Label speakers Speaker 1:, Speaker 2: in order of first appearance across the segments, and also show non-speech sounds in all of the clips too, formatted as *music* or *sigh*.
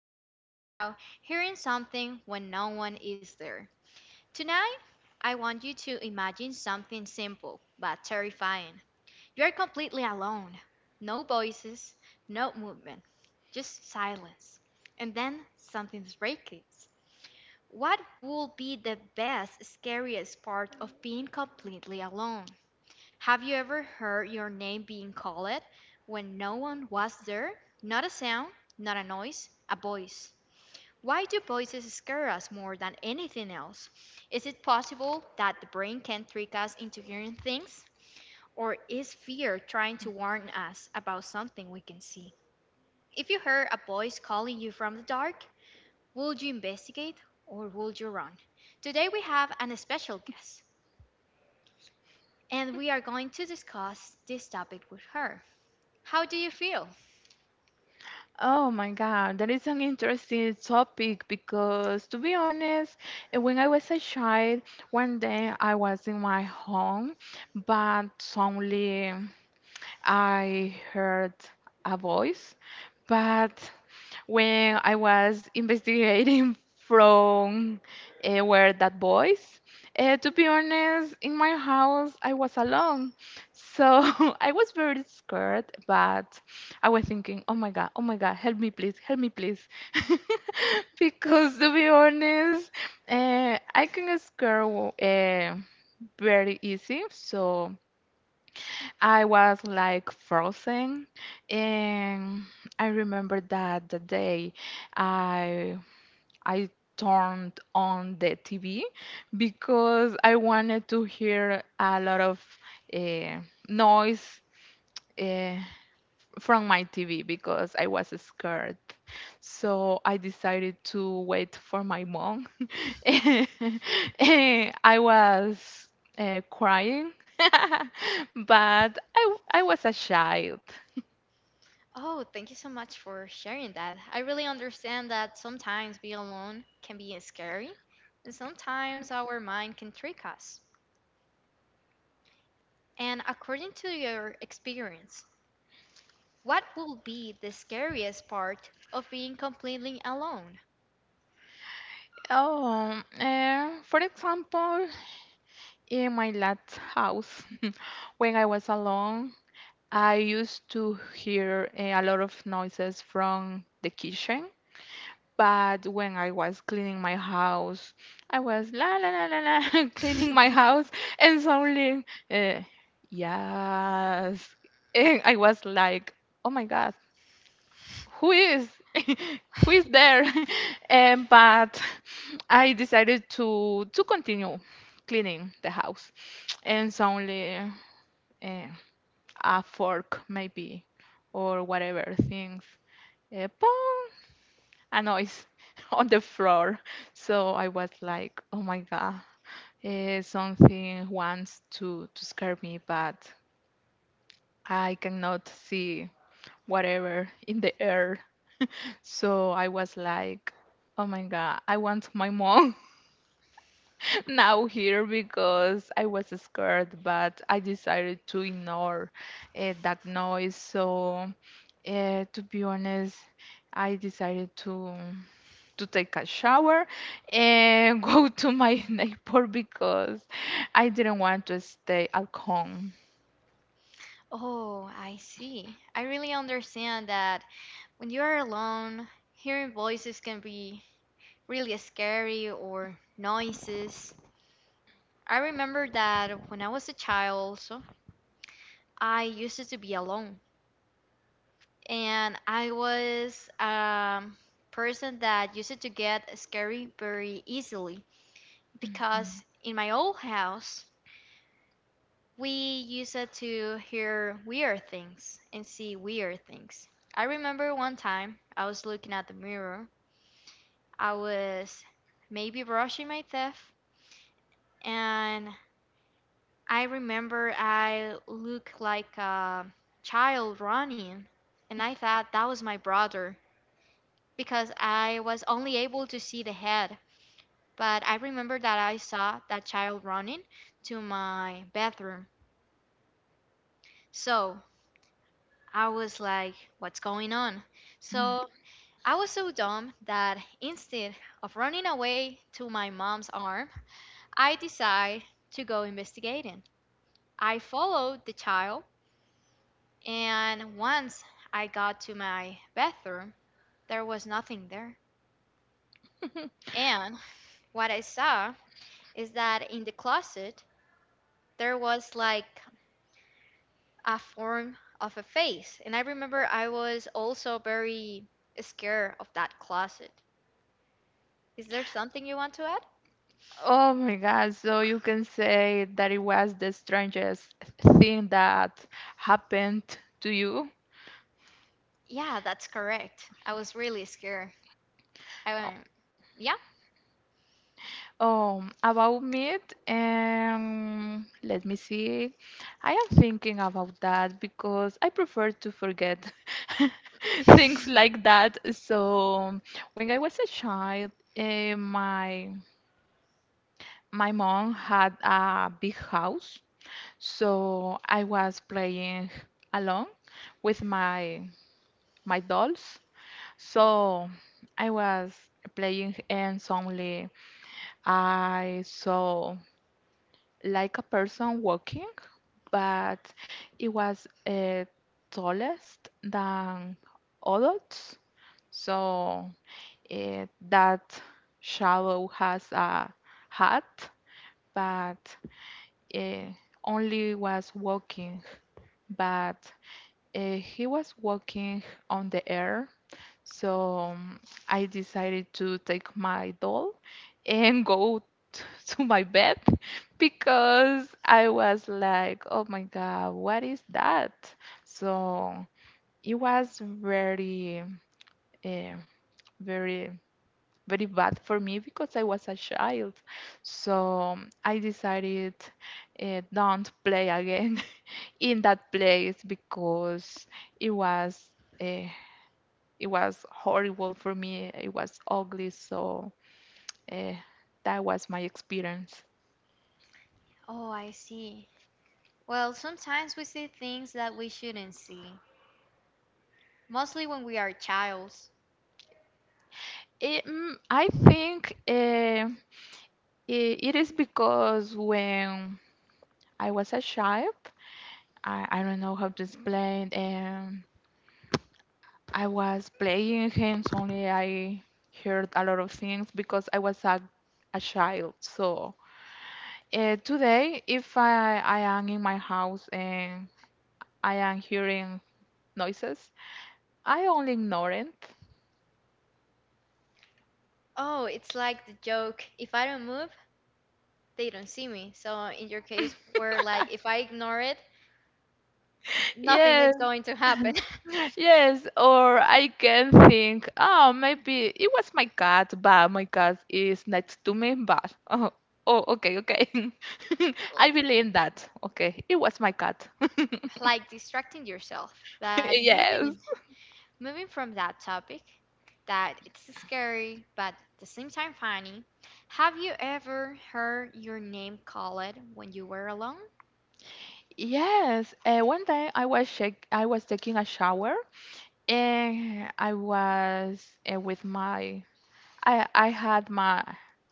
Speaker 1: going to talk about hearing something when no one is there. Tonight, I want you to imagine something simple but terrifying. You are completely alone. No voices, no movement, just silence. And then something breaks. What would be the best, scariest part of being completely alone? Have you ever heard your name being called when no one was there? Not a sound, not a noise, a voice. Why do voices scare us more than anything else? Is it possible that the brain can trick us into hearing things? Or is fear trying to warn us about something we can see? If you heard a voice calling you from the dark, would you investigate or would you run? Today we have an special guest, and we are going to discuss this topic with her. How do you feel?
Speaker 2: Oh my God, that is an interesting topic because, to be honest, when I was a child, one day I was in my home, but only. I heard a voice, but when I was investigating *laughs* from where that voice, to be honest, in my house I was alone, so *laughs* I was very scared. But I was thinking, oh my god, help me please, *laughs* because to be honest, I can scare very easy, so. I was like frozen, and I remember that the day I I turned on the TV because I wanted to hear a lot of uh, noise. Uh, from my TV because I was scared. So I decided to wait for my mom. *laughs* I was crying, *laughs* but I was a child.
Speaker 1: Oh, thank you so much for sharing that. I really understand that sometimes being alone can be scary, and sometimes our mind can trick us. And according to your experience, what will be the scariest part of being completely alone?
Speaker 2: Oh, for example, in my last house, *laughs* when I was alone, I used to hear a lot of noises from the kitchen. But when I was cleaning my house, I was la la la la la *laughs* cleaning my house, and suddenly, yes, and I was like, oh my god, who is, *laughs* who is there? *laughs* And but I decided to continue cleaning the house, and suddenly uh, a fork maybe or whatever things, uh, a noise *laughs* on the floor. So I was like, oh my God, something wants to scare me, but I cannot see whatever in the air. So I was like, oh my God, I want my mom *laughs* now here because I was scared, but I decided to ignore that noise. So to be honest, I decided to. To take a shower and *laughs* go to my *laughs* neighbor because I didn't want to stay at home.
Speaker 1: Oh, I see. I really understand that when you are alone, hearing voices can be really scary, or noises. I remember that when I was a child also, I used to be alone, and I was person that used to get scary very easily, because in my old house we used to hear weird things and see weird things. I remember one time I was looking at the mirror. I was maybe brushing my teeth, and I remember I looked like a child running, and I thought that was my brother because I was only able to see the head. But I remember that I saw that child running to my bathroom. So I was like, what's going on? So I was so dumb that instead of running away to my mom's arm, I decided to go investigating. I followed the child, and once I got to my bathroom, there was nothing there. And what I saw is that in the closet, there was like a form of a face. And I remember I was also very scared of that closet. Is there something you want to add?
Speaker 2: Oh my God. So you can say that it was the strangest thing that happened to you.
Speaker 1: Yeah, that's correct. I was really scared. I went, yeah.
Speaker 2: About meat, let me see. I am thinking about that because I prefer to forget *laughs* things like that. So when I was a child, eh, my my mom had a big house, so I was playing alone with my dolls. So I was playing and suddenly I saw like a person walking, but it was tallest than adults. So that shadow has a hat, but uh, only was walking. But he was walking on the air so I decided to take my doll and go *laughs* to my bed because I was like, oh my God, what is that? So it was very, eh, very, very bad for me because I was a child. So I decided don't play again *laughs* in that place because it was. uh, it was horrible for me. It was ugly. So uh, that was my experience.
Speaker 1: Oh, I see. Well, sometimes we see things that we shouldn't see, mostly when we are childs.
Speaker 2: I think I it is because when I was a child, I don't know how to explain. I was playing games only. I heard a lot of things because I was a child. So today, if I am in my house and I am hearing noises, I only ignore it.
Speaker 1: Oh, it's like the joke. If I don't move, they don't see me. So in your case, where like if I ignore it, nothing
Speaker 2: Yes,
Speaker 1: is going to happen. *laughs*
Speaker 2: yes. Or I can think, oh, maybe it was my cat, but my cat is next to me, but oh, oh okay, okay. *laughs* I believe in that. Okay, it was my cat. *laughs*
Speaker 1: Like distracting yourself. But moving
Speaker 2: Yes.
Speaker 1: moving from that topic, that it's scary but at the same time funny. Have you ever heard your name called when you were alone?
Speaker 2: Yes. One day I was taking a shower and I was with my I had my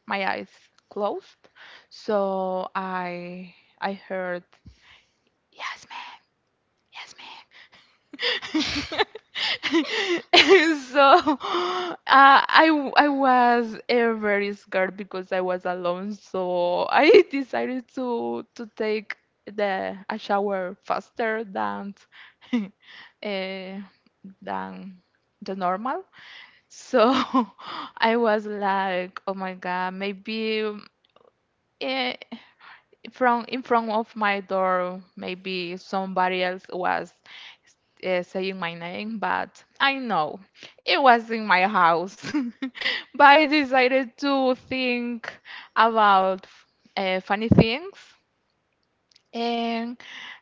Speaker 2: my eyes closed, so I heard yes man, yes man. *laughs* So uh, I was very scared because I was alone. So I *laughs* decided to take the a shower faster than *laughs* uh, than the normal. So *laughs* I was like, oh my god, maybe. eh, from in front of my door maybe somebody else was saying my name but I know it was in my house *laughs* but I decided to think about funny things and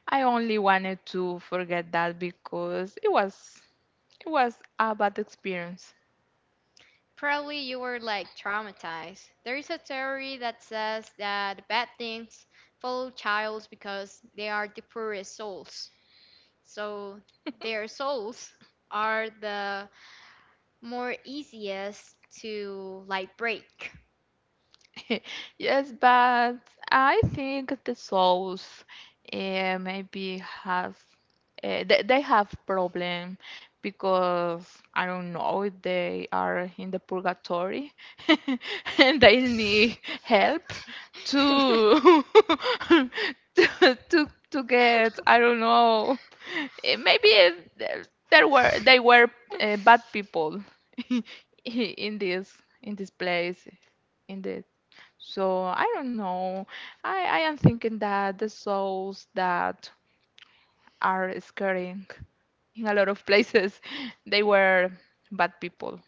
Speaker 2: I only wanted to forget that because it was a bad experience.
Speaker 1: Probably you were like traumatized. There is a theory that says that bad things follow childs because they are the poorest souls. So their souls are the more easiest to like break.
Speaker 2: *laughs* Yes, but I think the souls maybe has they have problem because I don't know they are in the purgatory *laughs* and they need help to *laughs* to get I don't know. Maybe eh, there were they were bad people *laughs* in this place in the so I don't know. I am thinking that the souls that are scaring in a lot of places, they were bad people.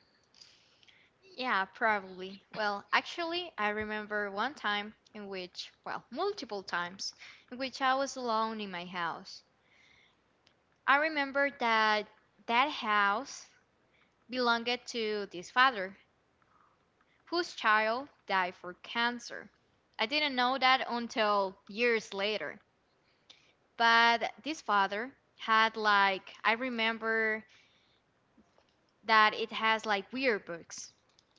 Speaker 1: Yeah, probably. Well, actually, I remember one time in which, well, multiple times in which I was alone in my house. I remember that house belonged to this father whose child died for cancer. I didn't know that until years later. But this father had, like, I remember that it has like weird books.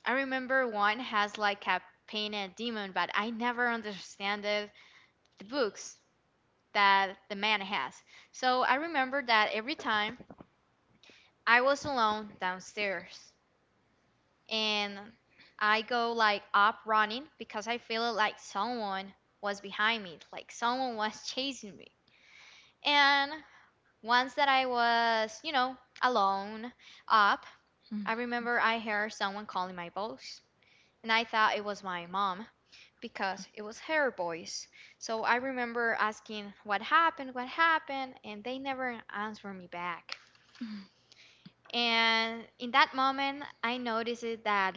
Speaker 1: I remember one has like a painted demon, but I never understand the books that the man has. So I remember that every time I was alone downstairs and I go like up running because I feel like someone was behind me, like someone was *laughs* chasing me. And once that I was, you know, alone up,
Speaker 2: Mm.
Speaker 1: I remember I heard someone calling my boss, and I thought it was my mom, because it was her voice. So I remember asking what happened, and they never answered me back. And in that moment, I noticed it that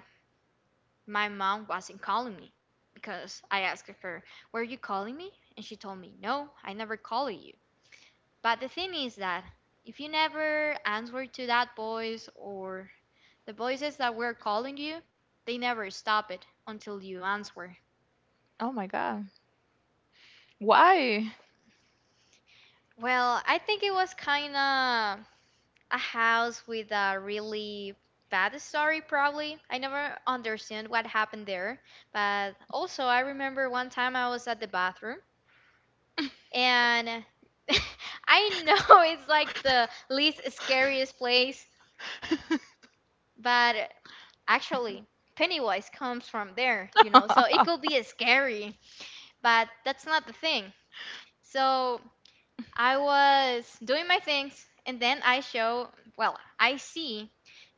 Speaker 1: my mom wasn't calling me because I asked her, "Were you calling me?" And she told me, "No, I never called you." But the thing is that if you never answer to that voice or the voices that were calling you, they never stop it until you answer.
Speaker 2: Oh my god. Why?
Speaker 1: Well, I think it was kind of a house with a really bad story. Probably I never understand what happened there, but also I remember one time I was at the bathroom, and *laughs* I know it's like the least scariest place, but actually Pennywise comes from there, you know, so it could be
Speaker 2: *laughs*
Speaker 1: scary. But that's not the thing. So I was doing my things, and then I show, well, I see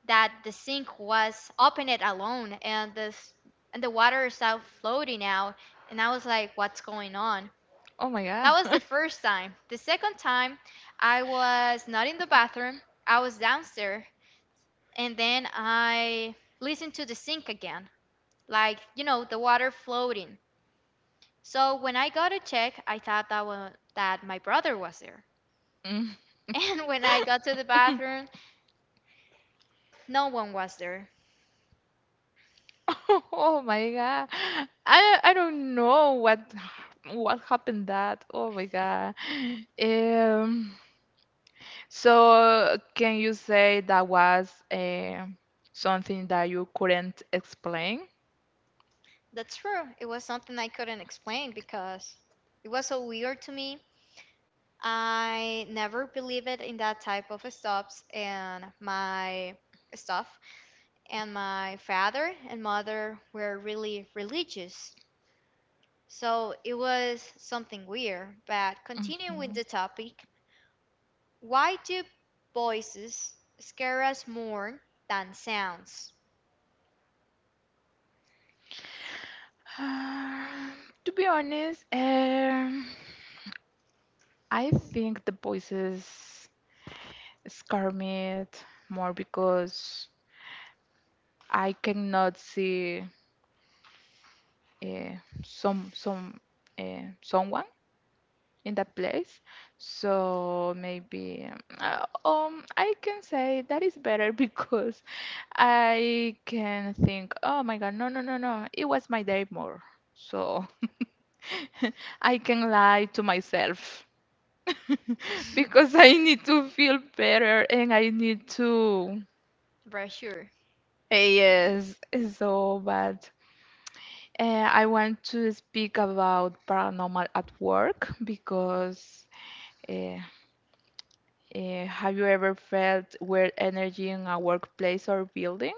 Speaker 1: that the sink was open it alone, and the and the water is out floating out, and I was like, what's going on?
Speaker 2: Oh my god.
Speaker 1: That was the
Speaker 2: *laughs*
Speaker 1: first time. The second time, I was not in the bathroom. I was downstairs, and then I listened to the sink again, like, you know, the water floating. So when I got to check, I thought that was, that my brother was there.
Speaker 2: Mm.
Speaker 1: And when I got to the
Speaker 2: *laughs*
Speaker 1: bathroom, no one was there.
Speaker 2: Oh my god. I don't know what what happened that. Oh my god. Um So, can you say that was something that you couldn't explain?
Speaker 1: That's true. It was something I couldn't explain because it was so weird to me. I never believed in that type of stops and my stuff, and my father and mother were really religious. So it was something weird. But continuing with
Speaker 2: Mhm.
Speaker 1: the topic, why do voices scare us more than sounds? *laughs*
Speaker 2: Um, *sighs* to be honest, I think the voices scare me more because I cannot see eh, some some someone. In that place. So maybe I can say that is better *laughs* because I can think, oh my God, no, no, no, no, it was my day more. So *laughs* I can lie to myself *laughs* because I need to feel better and I need to.
Speaker 1: For sure.
Speaker 2: Yes, it's so bad. I want to speak about paranormal at work because uh, have you ever felt weird energy in a workplace or building?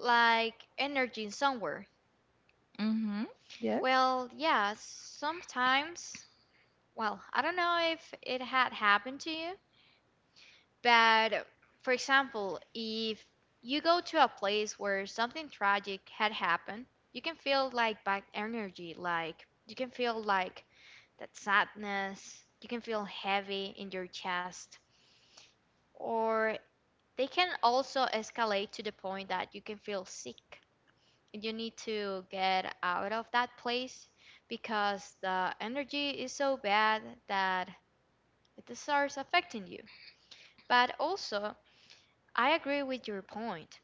Speaker 1: Like energy somewhere.
Speaker 2: Mm-hmm. Yes.
Speaker 1: Well, yeah, sometimes, well, I don't know if it had happened to you, but for example, if you go to a place where something tragic had happened, you can feel like bad energy, like you can feel like that sadness, you can feel heavy in your chest, or they can also escalate to the point that you can feel sick. You need to get out of that place because the energy is so bad that it starts affecting you. But also, I agree with your point.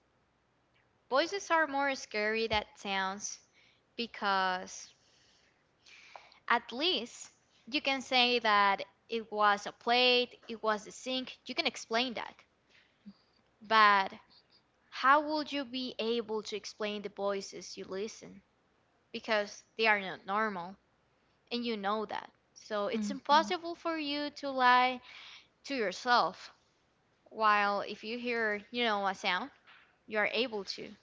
Speaker 1: Voices are more scary than sounds because at least you can say that it was a plate, it was a sink, you can explain that. But how would you be able to explain the voices you listen? Because they are not normal, and you know that. So it's
Speaker 2: Mm-hmm.
Speaker 1: impossible for you to lie to yourself. While if you hear, you know, a sound, you are able to.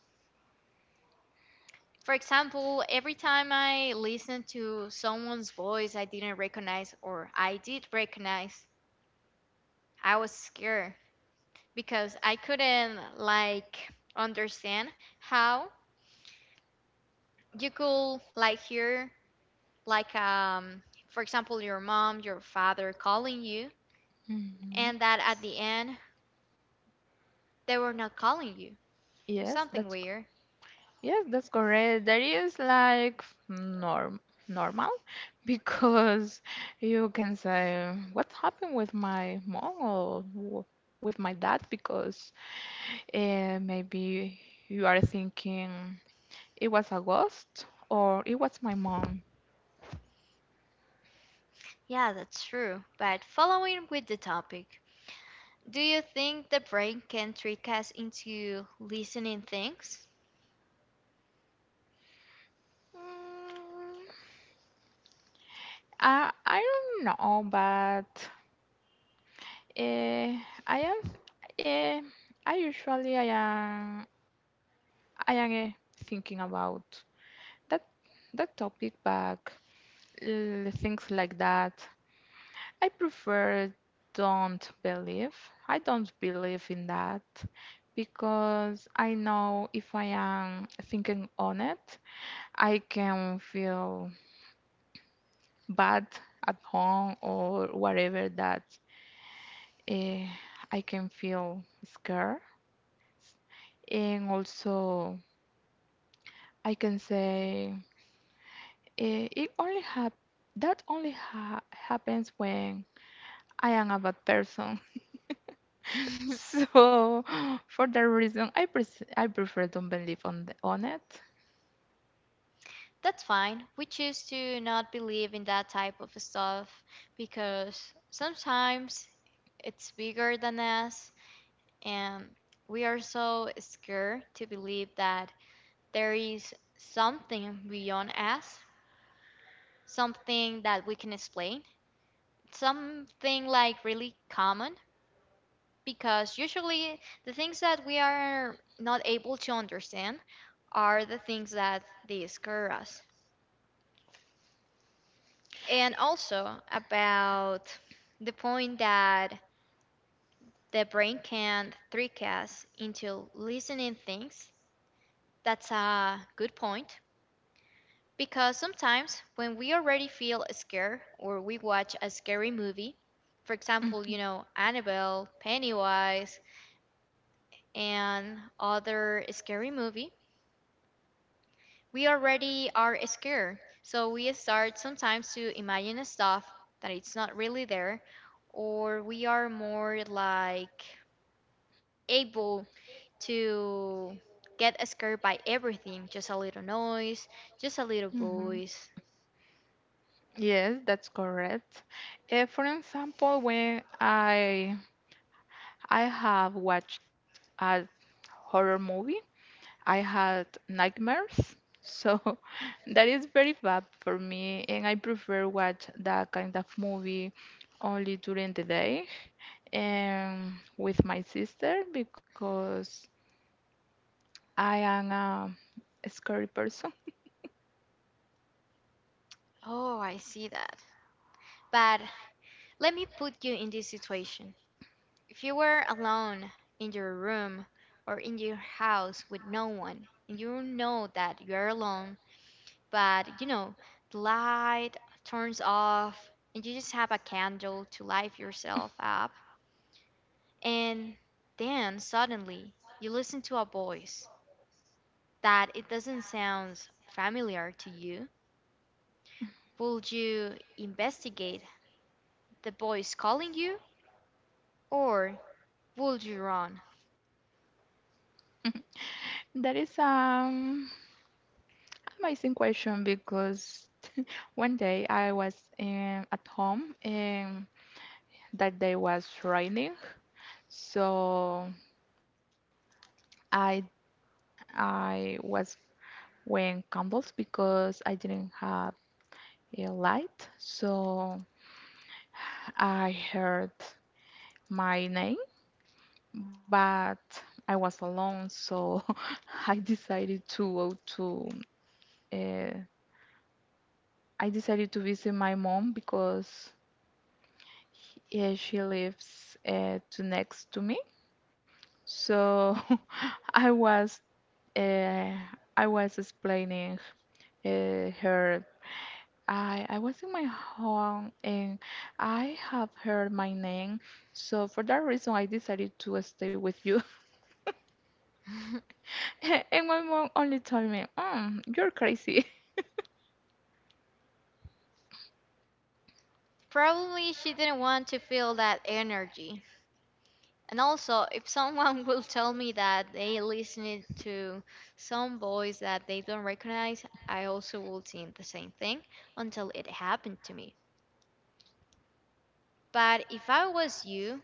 Speaker 1: For example, every time I listened to someone's voice I didn't recognize or I did recognize, I was scared because I couldn't like understand how you could like hear like for example your mom, your father calling you,
Speaker 2: Mm-hmm.
Speaker 1: and that at the end they were not calling you.
Speaker 2: Yes,
Speaker 1: Something
Speaker 2: that's
Speaker 1: weird.
Speaker 2: yes, that's correct. That is like norm normal *laughs* because you can say what happened with my mom or with my dad because maybe you are thinking. It was a ghost or it was my mom.
Speaker 1: Yeah, that's true. But following with the topic, do you think the brain can trick us into listening things?
Speaker 2: Mm, I don't know, but uh, I am uh, I usually I am thinking about that that topic, but things like that. I prefer don't believe. I don't believe in that because I know if I am thinking on it, I can feel bath at home or whatever that uh, I can feel scared. And also, I can say it only hap that only ha happens when I am a bad person. *laughs*
Speaker 1: *laughs*
Speaker 2: So for that reason, I prefer don't believe on on it.
Speaker 1: That's fine. We choose to not believe in that type of stuff because sometimes it's bigger than us, and we are so scared to believe that there is something beyond us, something that we can explain, something like really common, because usually the things that we are not able to understand are the things that they scare us. And also about the point that the brain can trick us into listening things. That's a good point because sometimes when we already feel scared or we watch a scary movie, for example, you
Speaker 2: Mhm.
Speaker 1: know, Annabelle, Pennywise, and other scary movie, we already are scared. So we start sometimes to imagine stuff that it's not really there, or we are more like able to get scared by everything, just a little noise, just a little
Speaker 2: Mhm.
Speaker 1: voice.
Speaker 2: Yes, that's correct. For example, when I have watched a horror movie. I had nightmares. So *laughs* that is very bad for me and I prefer watch that kind of movie only during the day and with my sister because I am a scary person.
Speaker 1: Oh, I see that. But let me put you in this situation. If you were alone in your room or in your house with no one, and you know that you are alone, but you know, the light turns off, and you just have a candle to light yourself up. And then suddenly you listen to a voice that it doesn't sound familiar to you. Would you investigate the voice calling you, or would you run?
Speaker 2: That is amazing question because *laughs* one day I was at home and that day was raining so I I was wearing candles because I didn't have a light, so I heard my name, but I was alone, so *laughs* I decided to go to uh, I decided to visit my mom because yeah, she lives to next to me. So *laughs* I was uh, I was explaining her I was in my home and I have heard my name, so for that reason I decided to stay with you.
Speaker 1: *laughs*
Speaker 2: *laughs* And my mom only told me, mm, "You're crazy."
Speaker 1: Probably she didn't want to feel that energy. And also, if someone *laughs* will tell me that they listened to some voice that they don't recognize, I also will think the same thing until it happened to me. But if I was you,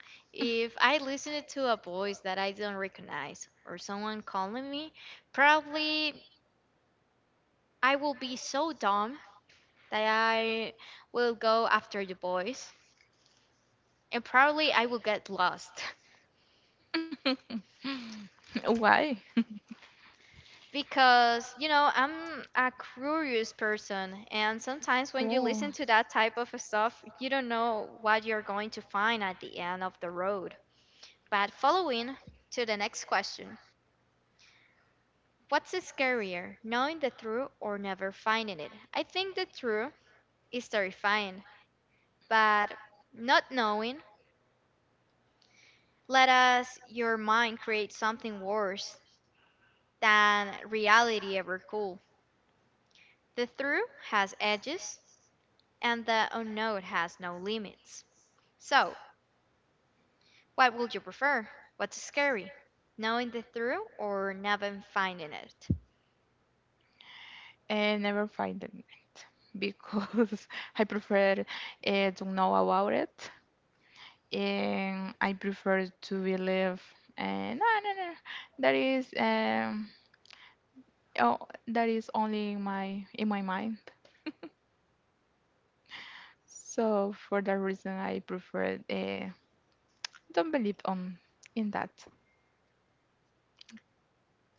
Speaker 1: *laughs* if I listened to a voice that I don't recognize or someone calling me, probably I will be so dumb that I will go after the voice, and probably I will get lost. *laughs*
Speaker 2: *laughs* Why?
Speaker 1: Because you know, I'm a curious person, and sometimes when you listen
Speaker 2: Oh,
Speaker 1: to that type of stuff you don't know what you're going to find at the end of the road. But following to the next question, what's scarier, knowing the truth or never finding it? I think the truth is terrifying, but not knowing let us your mind create something worse than reality ever could. The truth has edges, and the unknown has no limits. So, what would you prefer? What's scary? Knowing the truth or never finding it?
Speaker 2: and never find it because *laughs* I prefer to know about it. And I prefer to believe uh, no no no that is um oh that is only in my mind so for that reason I prefer don't believe on in that.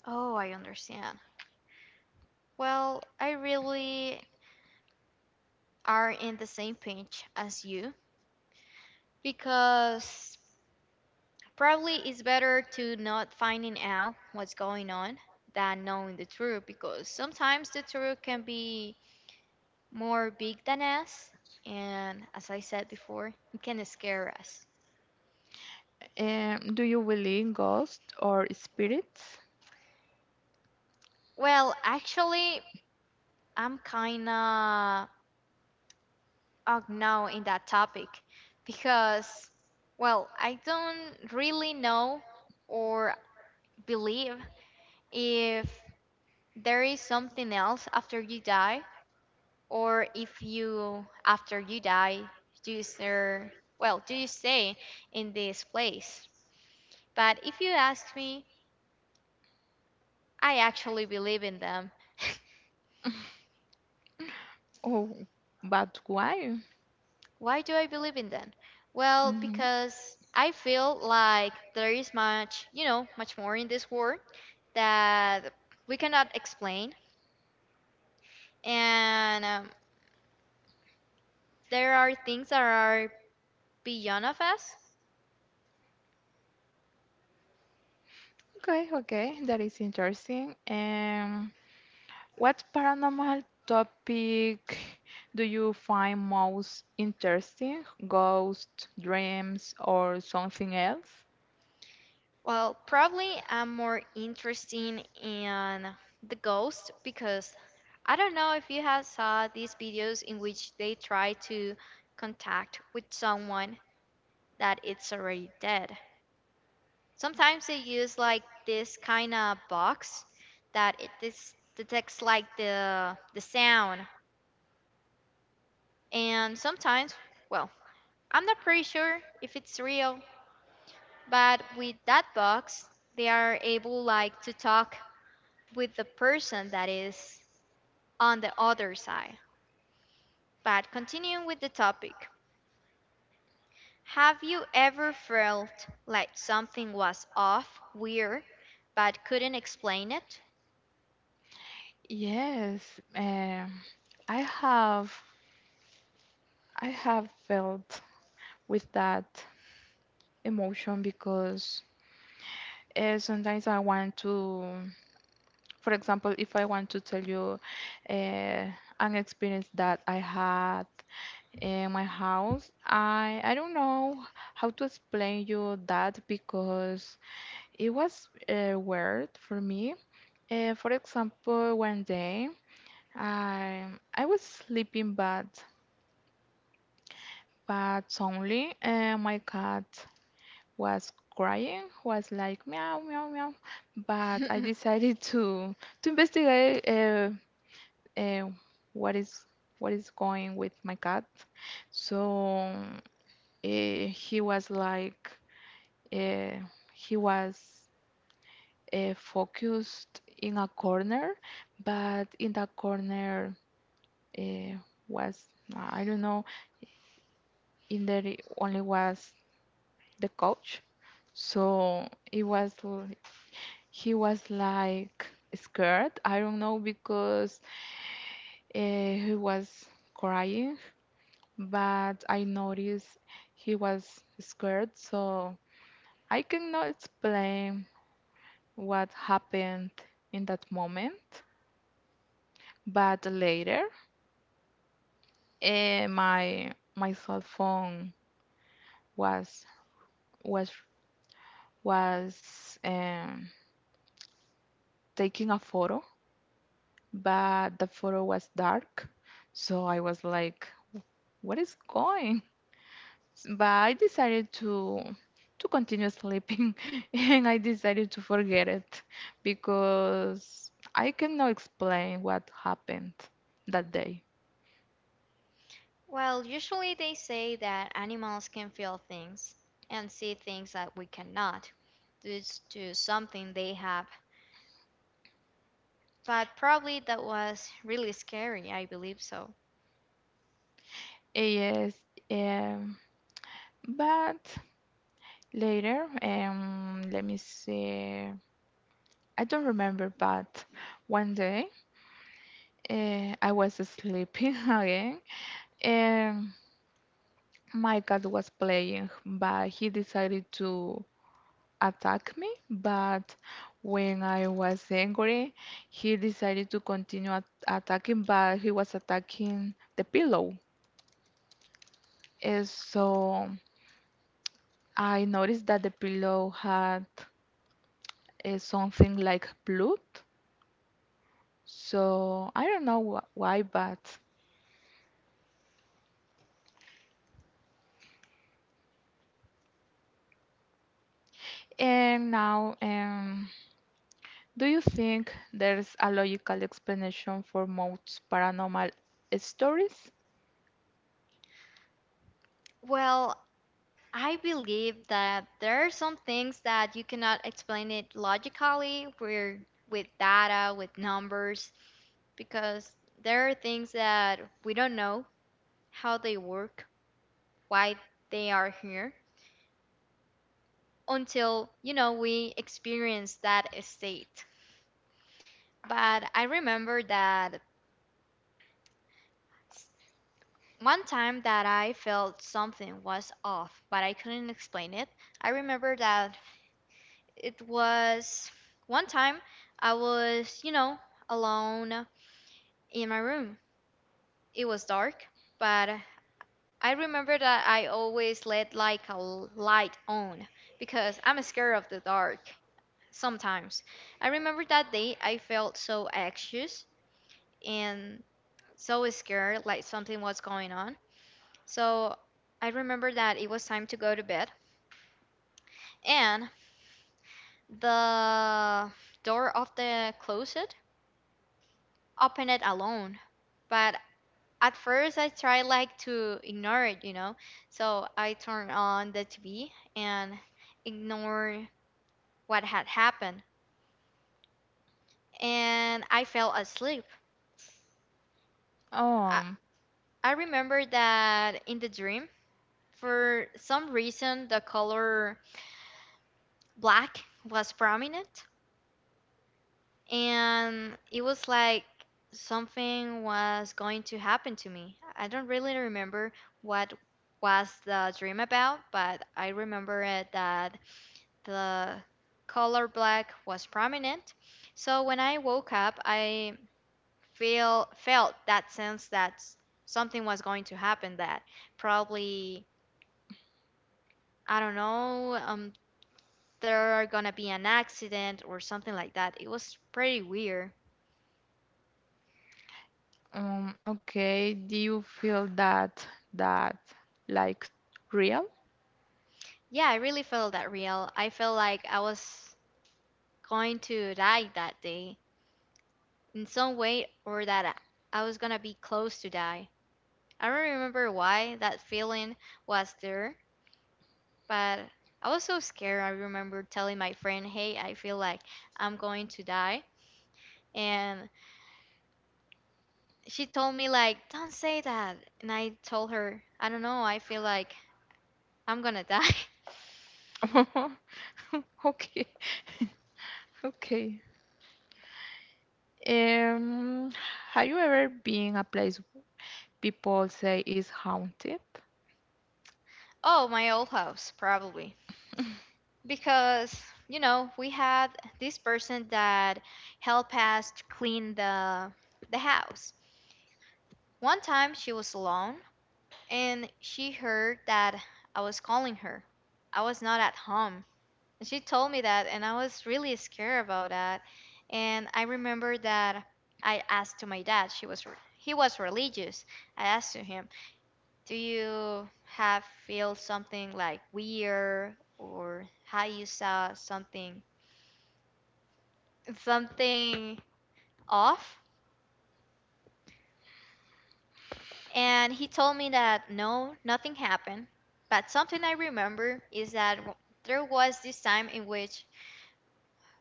Speaker 1: Oh, I understand. Well, I really are in the same pinch as you because probably it's better to not finding out what's going on than knowing the truth because sometimes the truth can be more big than us and, as I said before, it can scare us.
Speaker 2: Do you believe in ghosts or spirits?
Speaker 1: Well, actually, I'm kinda out now in that topic because, well, I don't really know or believe if there is something else after you die, or if you, after you die, do you well, do you stay in this place? But if you ask me, I actually believe in them. *laughs*
Speaker 2: *laughs* Oh but why?
Speaker 1: Why do I believe in them? Well,
Speaker 2: Mhm.
Speaker 1: because I feel like there is much more in this world that we cannot explain, and there are things that are beyond of us.
Speaker 2: Okay okay that is interesting. What paranormal topic do you find most interesting? Ghosts, dreams, or something else?
Speaker 1: Well, probably I'm more interested in the ghost because I don't know if you have saw these videos in which they try to contact with someone that it's already dead. Sometimes they use like this kind of box that it this detects like the sound. And sometimes, well, I'm not pretty sure if it's real, but with that box, they are able like to talk with the person that is on the other side. But continuing with the topic, have you ever felt like something was off, weird, but couldn't explain it?
Speaker 2: Yes, I have I have felt with that emotion because sometimes I want to, for example, if I want to tell you uh, an experience that I had in my house. I don't know how to explain you that because it was weird for me. For example, one day I I was sleeping, but suddenly my cat was crying, was like meow meow meow. But I
Speaker 1: *laughs*
Speaker 2: decided *laughs* to investigate uh, what is what is going with my cat. So he was like uh, he was focused in a corner, but in that corner uh, was I don't know. In there it only was the coach, so it was he was like scared. I don't know because uh, he was crying, but I noticed he was scared, so I cannot explain what happened in that moment. But later, my cell phone was was was um, taking a photo, but the photo was dark, so I was like, "What is going?" But I decided to continue sleeping, *laughs* and I decided to forget it because I cannot explain what happened that day.
Speaker 1: Well, usually they say that animals can feel things and see things that we cannot due to something they have, but probably that was really scary. I believe so.
Speaker 2: Yes, um, but Later, let me see. I don't remember, but one day I was sleeping *laughs* again, and my cat was playing, but he decided to attack me. But when I was angry, he decided to continue attacking, but he was attacking the pillow. So I noticed that the pillow had something like blood. So I don't know why, but and now, do you think there's a logical explanation for most paranormal stories?
Speaker 1: Well, I believe that there are some things that you cannot explain it logically, where with data, with numbers, because there are things that we don't know how they work, why they are here until, you know, we experience that state. But I remember that s- one time that I felt something was off, but I couldn't explain it. I remember that it was one time I was you know, alone in my room. It was dark, but I remember that I always let like a light on because I'm scared of the dark sometimes. I remember that day I felt so anxious and so scared, like something was going on. So I remember that it was time to go to bed, and the door of the closet opened it alone. But at first, I tried like to ignore it. So I turned on the TV and ignored what had happened, and I fell asleep. I,
Speaker 2: Oh,
Speaker 1: I remember that in the dream, for some reason, the color black was prominent and it was like something was going to happen to me. I don't really remember what was the dream about, but I remember it that the color black was prominent. So when I woke up, I feel felt that sense that something was going to happen, that probably I don't know, there are gonna be an accident or something like that. It was pretty weird.
Speaker 2: okay. Do you feel that that like real?
Speaker 1: Yeah, I really felt that real. I felt like I was going to die that day in some way, or that I was gonna be close to die. I don't remember why that feeling was there, but I was so scared. I remember telling my friend, "Hey, I feel like I'm going to die." And she told me like, "Don't say that." And I told her, "I don't know. I feel like I'm gonna die." *laughs*
Speaker 2: *laughs* Okay, okay. Um, have you ever been a place people say is haunted?
Speaker 1: Oh, my old house, probably. Because we had this person that helped us to clean the house. One time she was alone and she heard that I was calling her. I was not at home, and she told me that, and I was really scared about that. And I remember that I asked to my dad, he was religious, I asked to him, do you have feel something like weird, or how you saw something off? And he told me that no, nothing happened. But something I remember is that there was this time in which,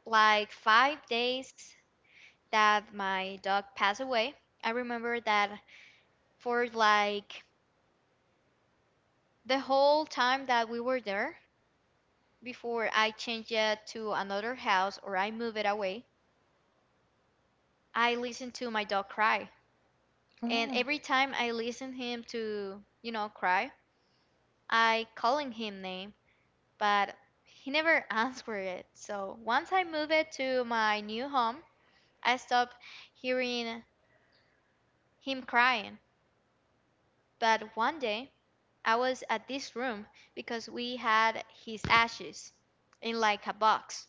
Speaker 1: like 5 days that my dog passed away. I remember that for like the whole time that we were there before I changed it to another house, or I move it away, I listened to my dog cry, and
Speaker 2: Oh.
Speaker 1: every time I listened him to cry, I calling him name, but he never *laughs* answered it. So once I moved it to my new home, I stopped hearing him crying. But one day, I was at this room because we had his ashes in like a box.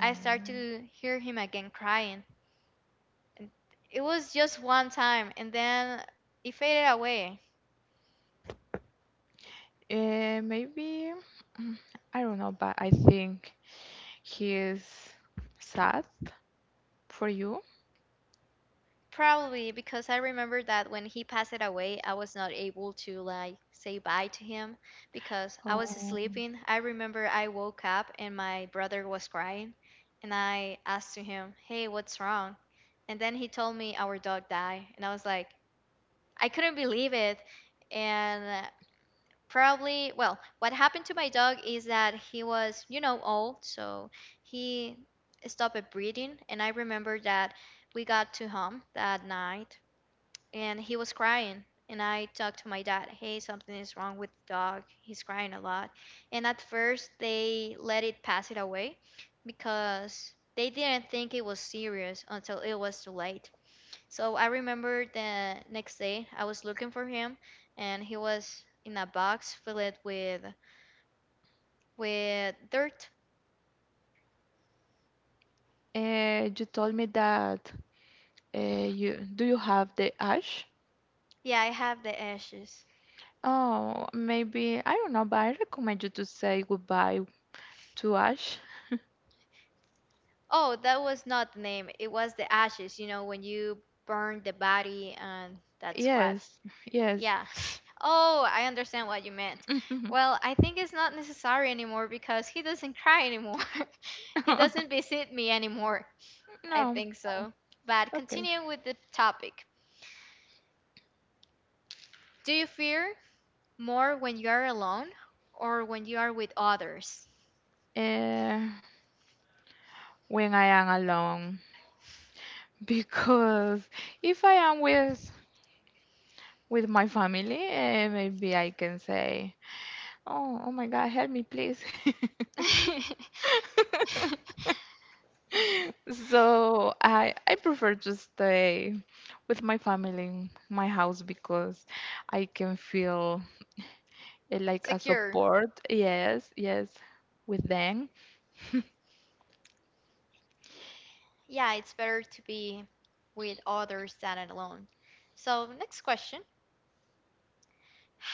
Speaker 1: I started to hear him again crying. And it was just one time, and then it faded away.
Speaker 2: Maybe. I don't know, but I think he is sad for you.
Speaker 1: Probably because I remember that when he passed away, I was not able to like say bye to him because I was
Speaker 2: Um,
Speaker 1: sleeping. I remember I woke up and my brother was crying, and I asked to him, "Hey, what's wrong?" And then he told me our dog died, and I was like, I couldn't believe it. And probably, well, what happened to my dog is that he was old, so he stopped breathing. And I remember that we got to home that night, and he was crying, and I talked to my dad, hey, something is wrong with the dog, he's crying a lot. And at first they let it pass it away because they didn't think it was serious, until it was too late. So I remember the next day I was looking for him, and he was in a box filled with dirt.
Speaker 2: you told me that you do you have the Ash?
Speaker 1: Yeah, I have the ashes.
Speaker 2: Oh, maybe I don't know, but I recommend you to say goodbye to Ash.
Speaker 1: Oh, that was not the name, it was the ashes, you know, when you burn the body, and that's what.
Speaker 2: Yes, yes.
Speaker 1: Yeah. *laughs* Oh, I understand what you meant.
Speaker 2: *laughs*
Speaker 1: Well, I think it's not necessary anymore because he doesn't cry anymore. *laughs* he doesn't visit me anymore. I
Speaker 2: No,
Speaker 1: think so. But
Speaker 2: okay.
Speaker 1: continuing with the topic, do you fear more when you are alone or when you are with others?
Speaker 2: Uh, when I am alone, *laughs* because if I am with my family, maybe I can say, "Oh, oh my God, help me, please."
Speaker 1: *laughs*
Speaker 2: *laughs* So I prefer to stay with my family in my house because I can feel like a
Speaker 1: Secure.
Speaker 2: support. Yes, yes, with them.
Speaker 1: Yeah, it's better to be with others than alone. So, next question.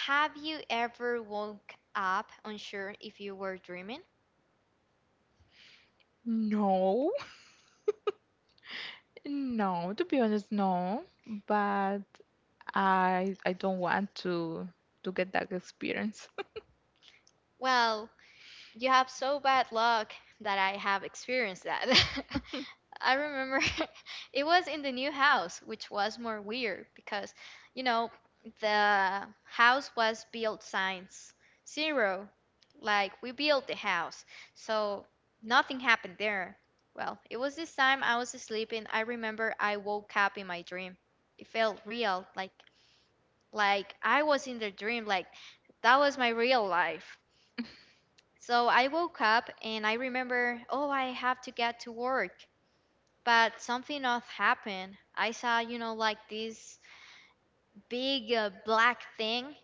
Speaker 1: Have you ever woke up unsure if you were dreaming?
Speaker 2: No, no, to be honest, no. But I don't want to get that experience.
Speaker 1: Well, you have so bad luck that I have experienced that. *laughs* I remember *laughs* it was in the new house, which was more weird because, you know, the house was built since zero. Like, we built the house, so nothing happened there. Well, it was this time I was sleeping. I remember I woke up in my dream. It felt real, like I was in the dream, like that was my real life. So I woke up and I remember, oh, I have to get to work. But something else happened. I saw, like this big black thing,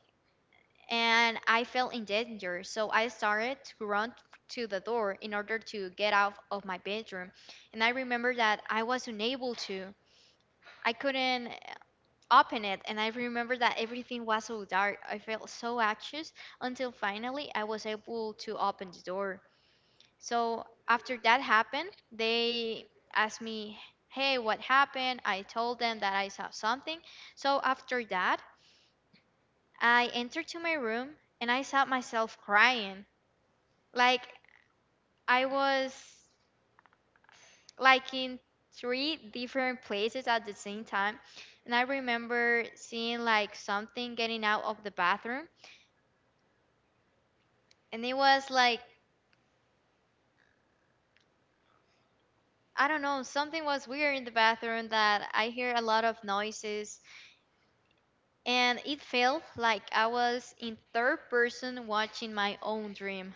Speaker 1: and I felt in danger. So I started to run to the door in order to get out of my bedroom. And I remember that I was unable to. I couldn't open it. And I remember that everything was so dark. I felt so anxious until finally I was able to open the door. So after that happened, they asked me, "Hey, what happened?" I told them that I saw something. So after that, I entered to my room and I saw myself crying. Like I was like in three different places at the same time. And I remember seeing like something getting out of the bathroom, and it was like, I don't know, something was weird in the bathroom, that I hear a lot of noises, and it felt like I was in third person watching my own dream.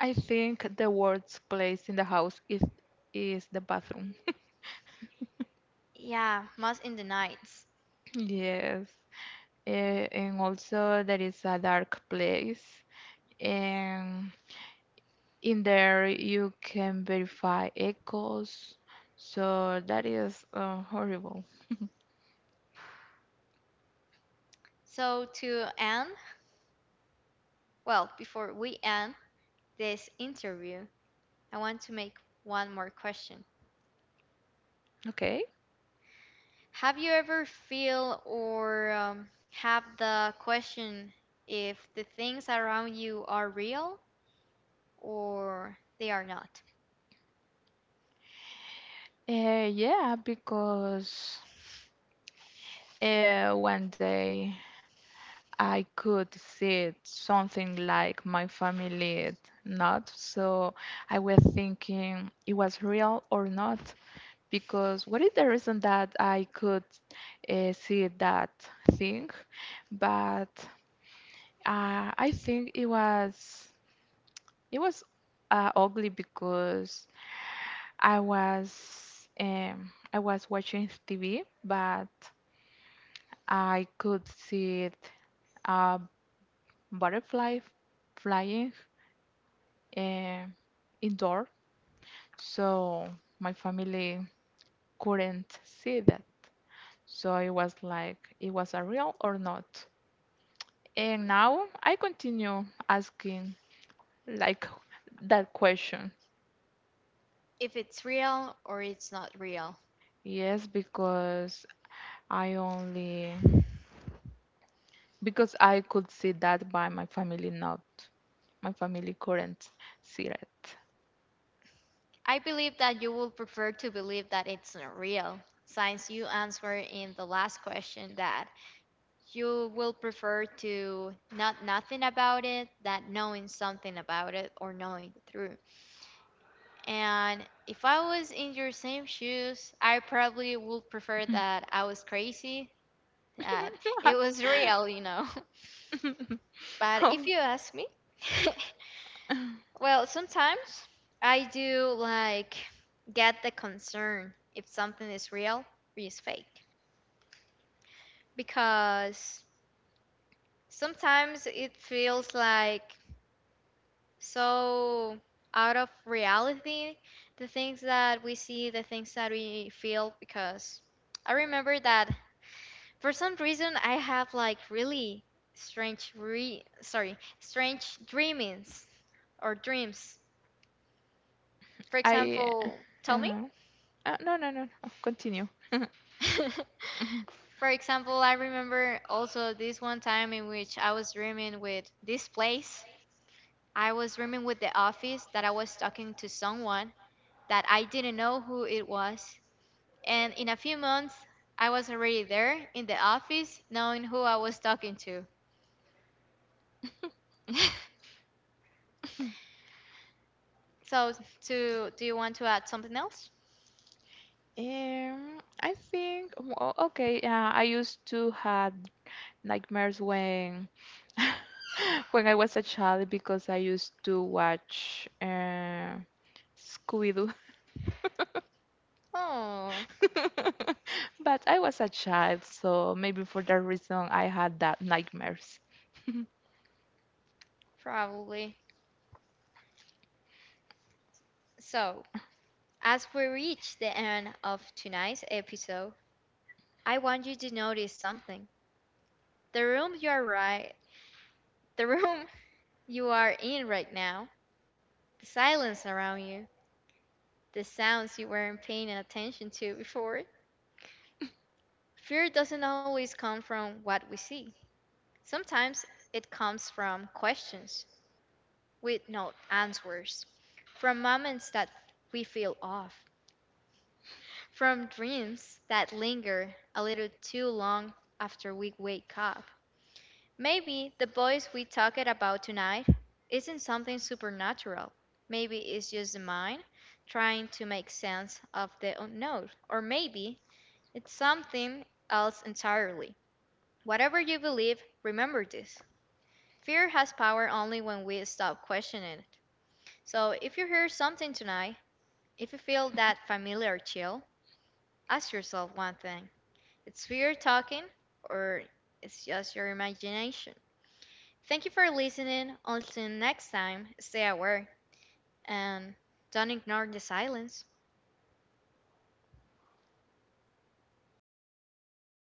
Speaker 2: I think the worst place in the house is the bathroom. *laughs*
Speaker 1: Yeah, most in the nights.
Speaker 2: Yes. And also there is a dark place. And in there you can verify echoes. So that is horrible.
Speaker 1: So to end, well, before we end this interview, I want to make one more question.
Speaker 2: Okay.
Speaker 1: Have you ever feel, or have the question, if the things around you are real or they are not?
Speaker 2: Yeah, because one day I could see it, something like my family did not. So I was thinking it was real or not. Because what is the reason that I could see that thing? But I think it was ugly because I was I was watching TV, but I could see it, a butterfly flying uh, indoor, so my family couldn't see that. So it was like, it was a real or not? And now I continue asking like that question.
Speaker 1: If it's real or it's not real?
Speaker 2: Yes, because I only because I could see that by my family not my family couldn't see it.
Speaker 1: I believe that you will prefer to believe that it's not real, since you answered in the last question that you will prefer to not nothing about it than knowing something about it or knowing the truth. And if I was in your same shoes, I probably would prefer that I was
Speaker 2: *laughs*
Speaker 1: crazy, that it was *laughs* real. *laughs* But
Speaker 2: Oh,
Speaker 1: if you ask me, *laughs* well, sometimes I do like get the concern if something is real or is fake, because sometimes it feels like so out of reality the things that we see, the things that we feel, because I remember that for some reason I have like really strange strange dreamings or dreams. For
Speaker 2: I
Speaker 1: example,
Speaker 2: uh,
Speaker 1: tell me.
Speaker 2: uh, no no no no, continue.
Speaker 1: *laughs* For example, I remember also this one time in which I was dreaming with this place. I was dreaming with the office, that I was talking to someone that I didn't know who it was. And in a few months, I was already there in the office knowing who I was talking to. *laughs*
Speaker 2: *laughs* *laughs*
Speaker 1: So, to do you want to add something else?
Speaker 2: I think, well, okay, yeah, I used to had nightmares when *laughs* when I was a child because I used to watch Scooby-Doo.
Speaker 1: Oh,
Speaker 2: *laughs* But I was a child, so maybe for that reason I had that nightmares. *laughs*
Speaker 1: probably. So, as we reach the end of tonight's episode, I want you to notice something. The room you are right, the room *laughs* you are in right now, the silence around you, the sounds you weren't paying attention to before. Fear doesn't always come from what we see. Sometimes it comes from questions with no answers, from moments that we feel off, from dreams that linger a little too long after we wake up. Maybe the voice we talked about tonight isn't something supernatural. Maybe it's just the mind trying to make sense of the unknown. Or maybe it's something else entirely. Whatever you believe, remember this. Fear has power only when we stop questioning it. So if you hear something tonight, if you feel that familiar chill, ask yourself one thing. It's fear talking, or it's just your imagination? Thank you for listening. Until next time, stay aware and don't ignore the silence.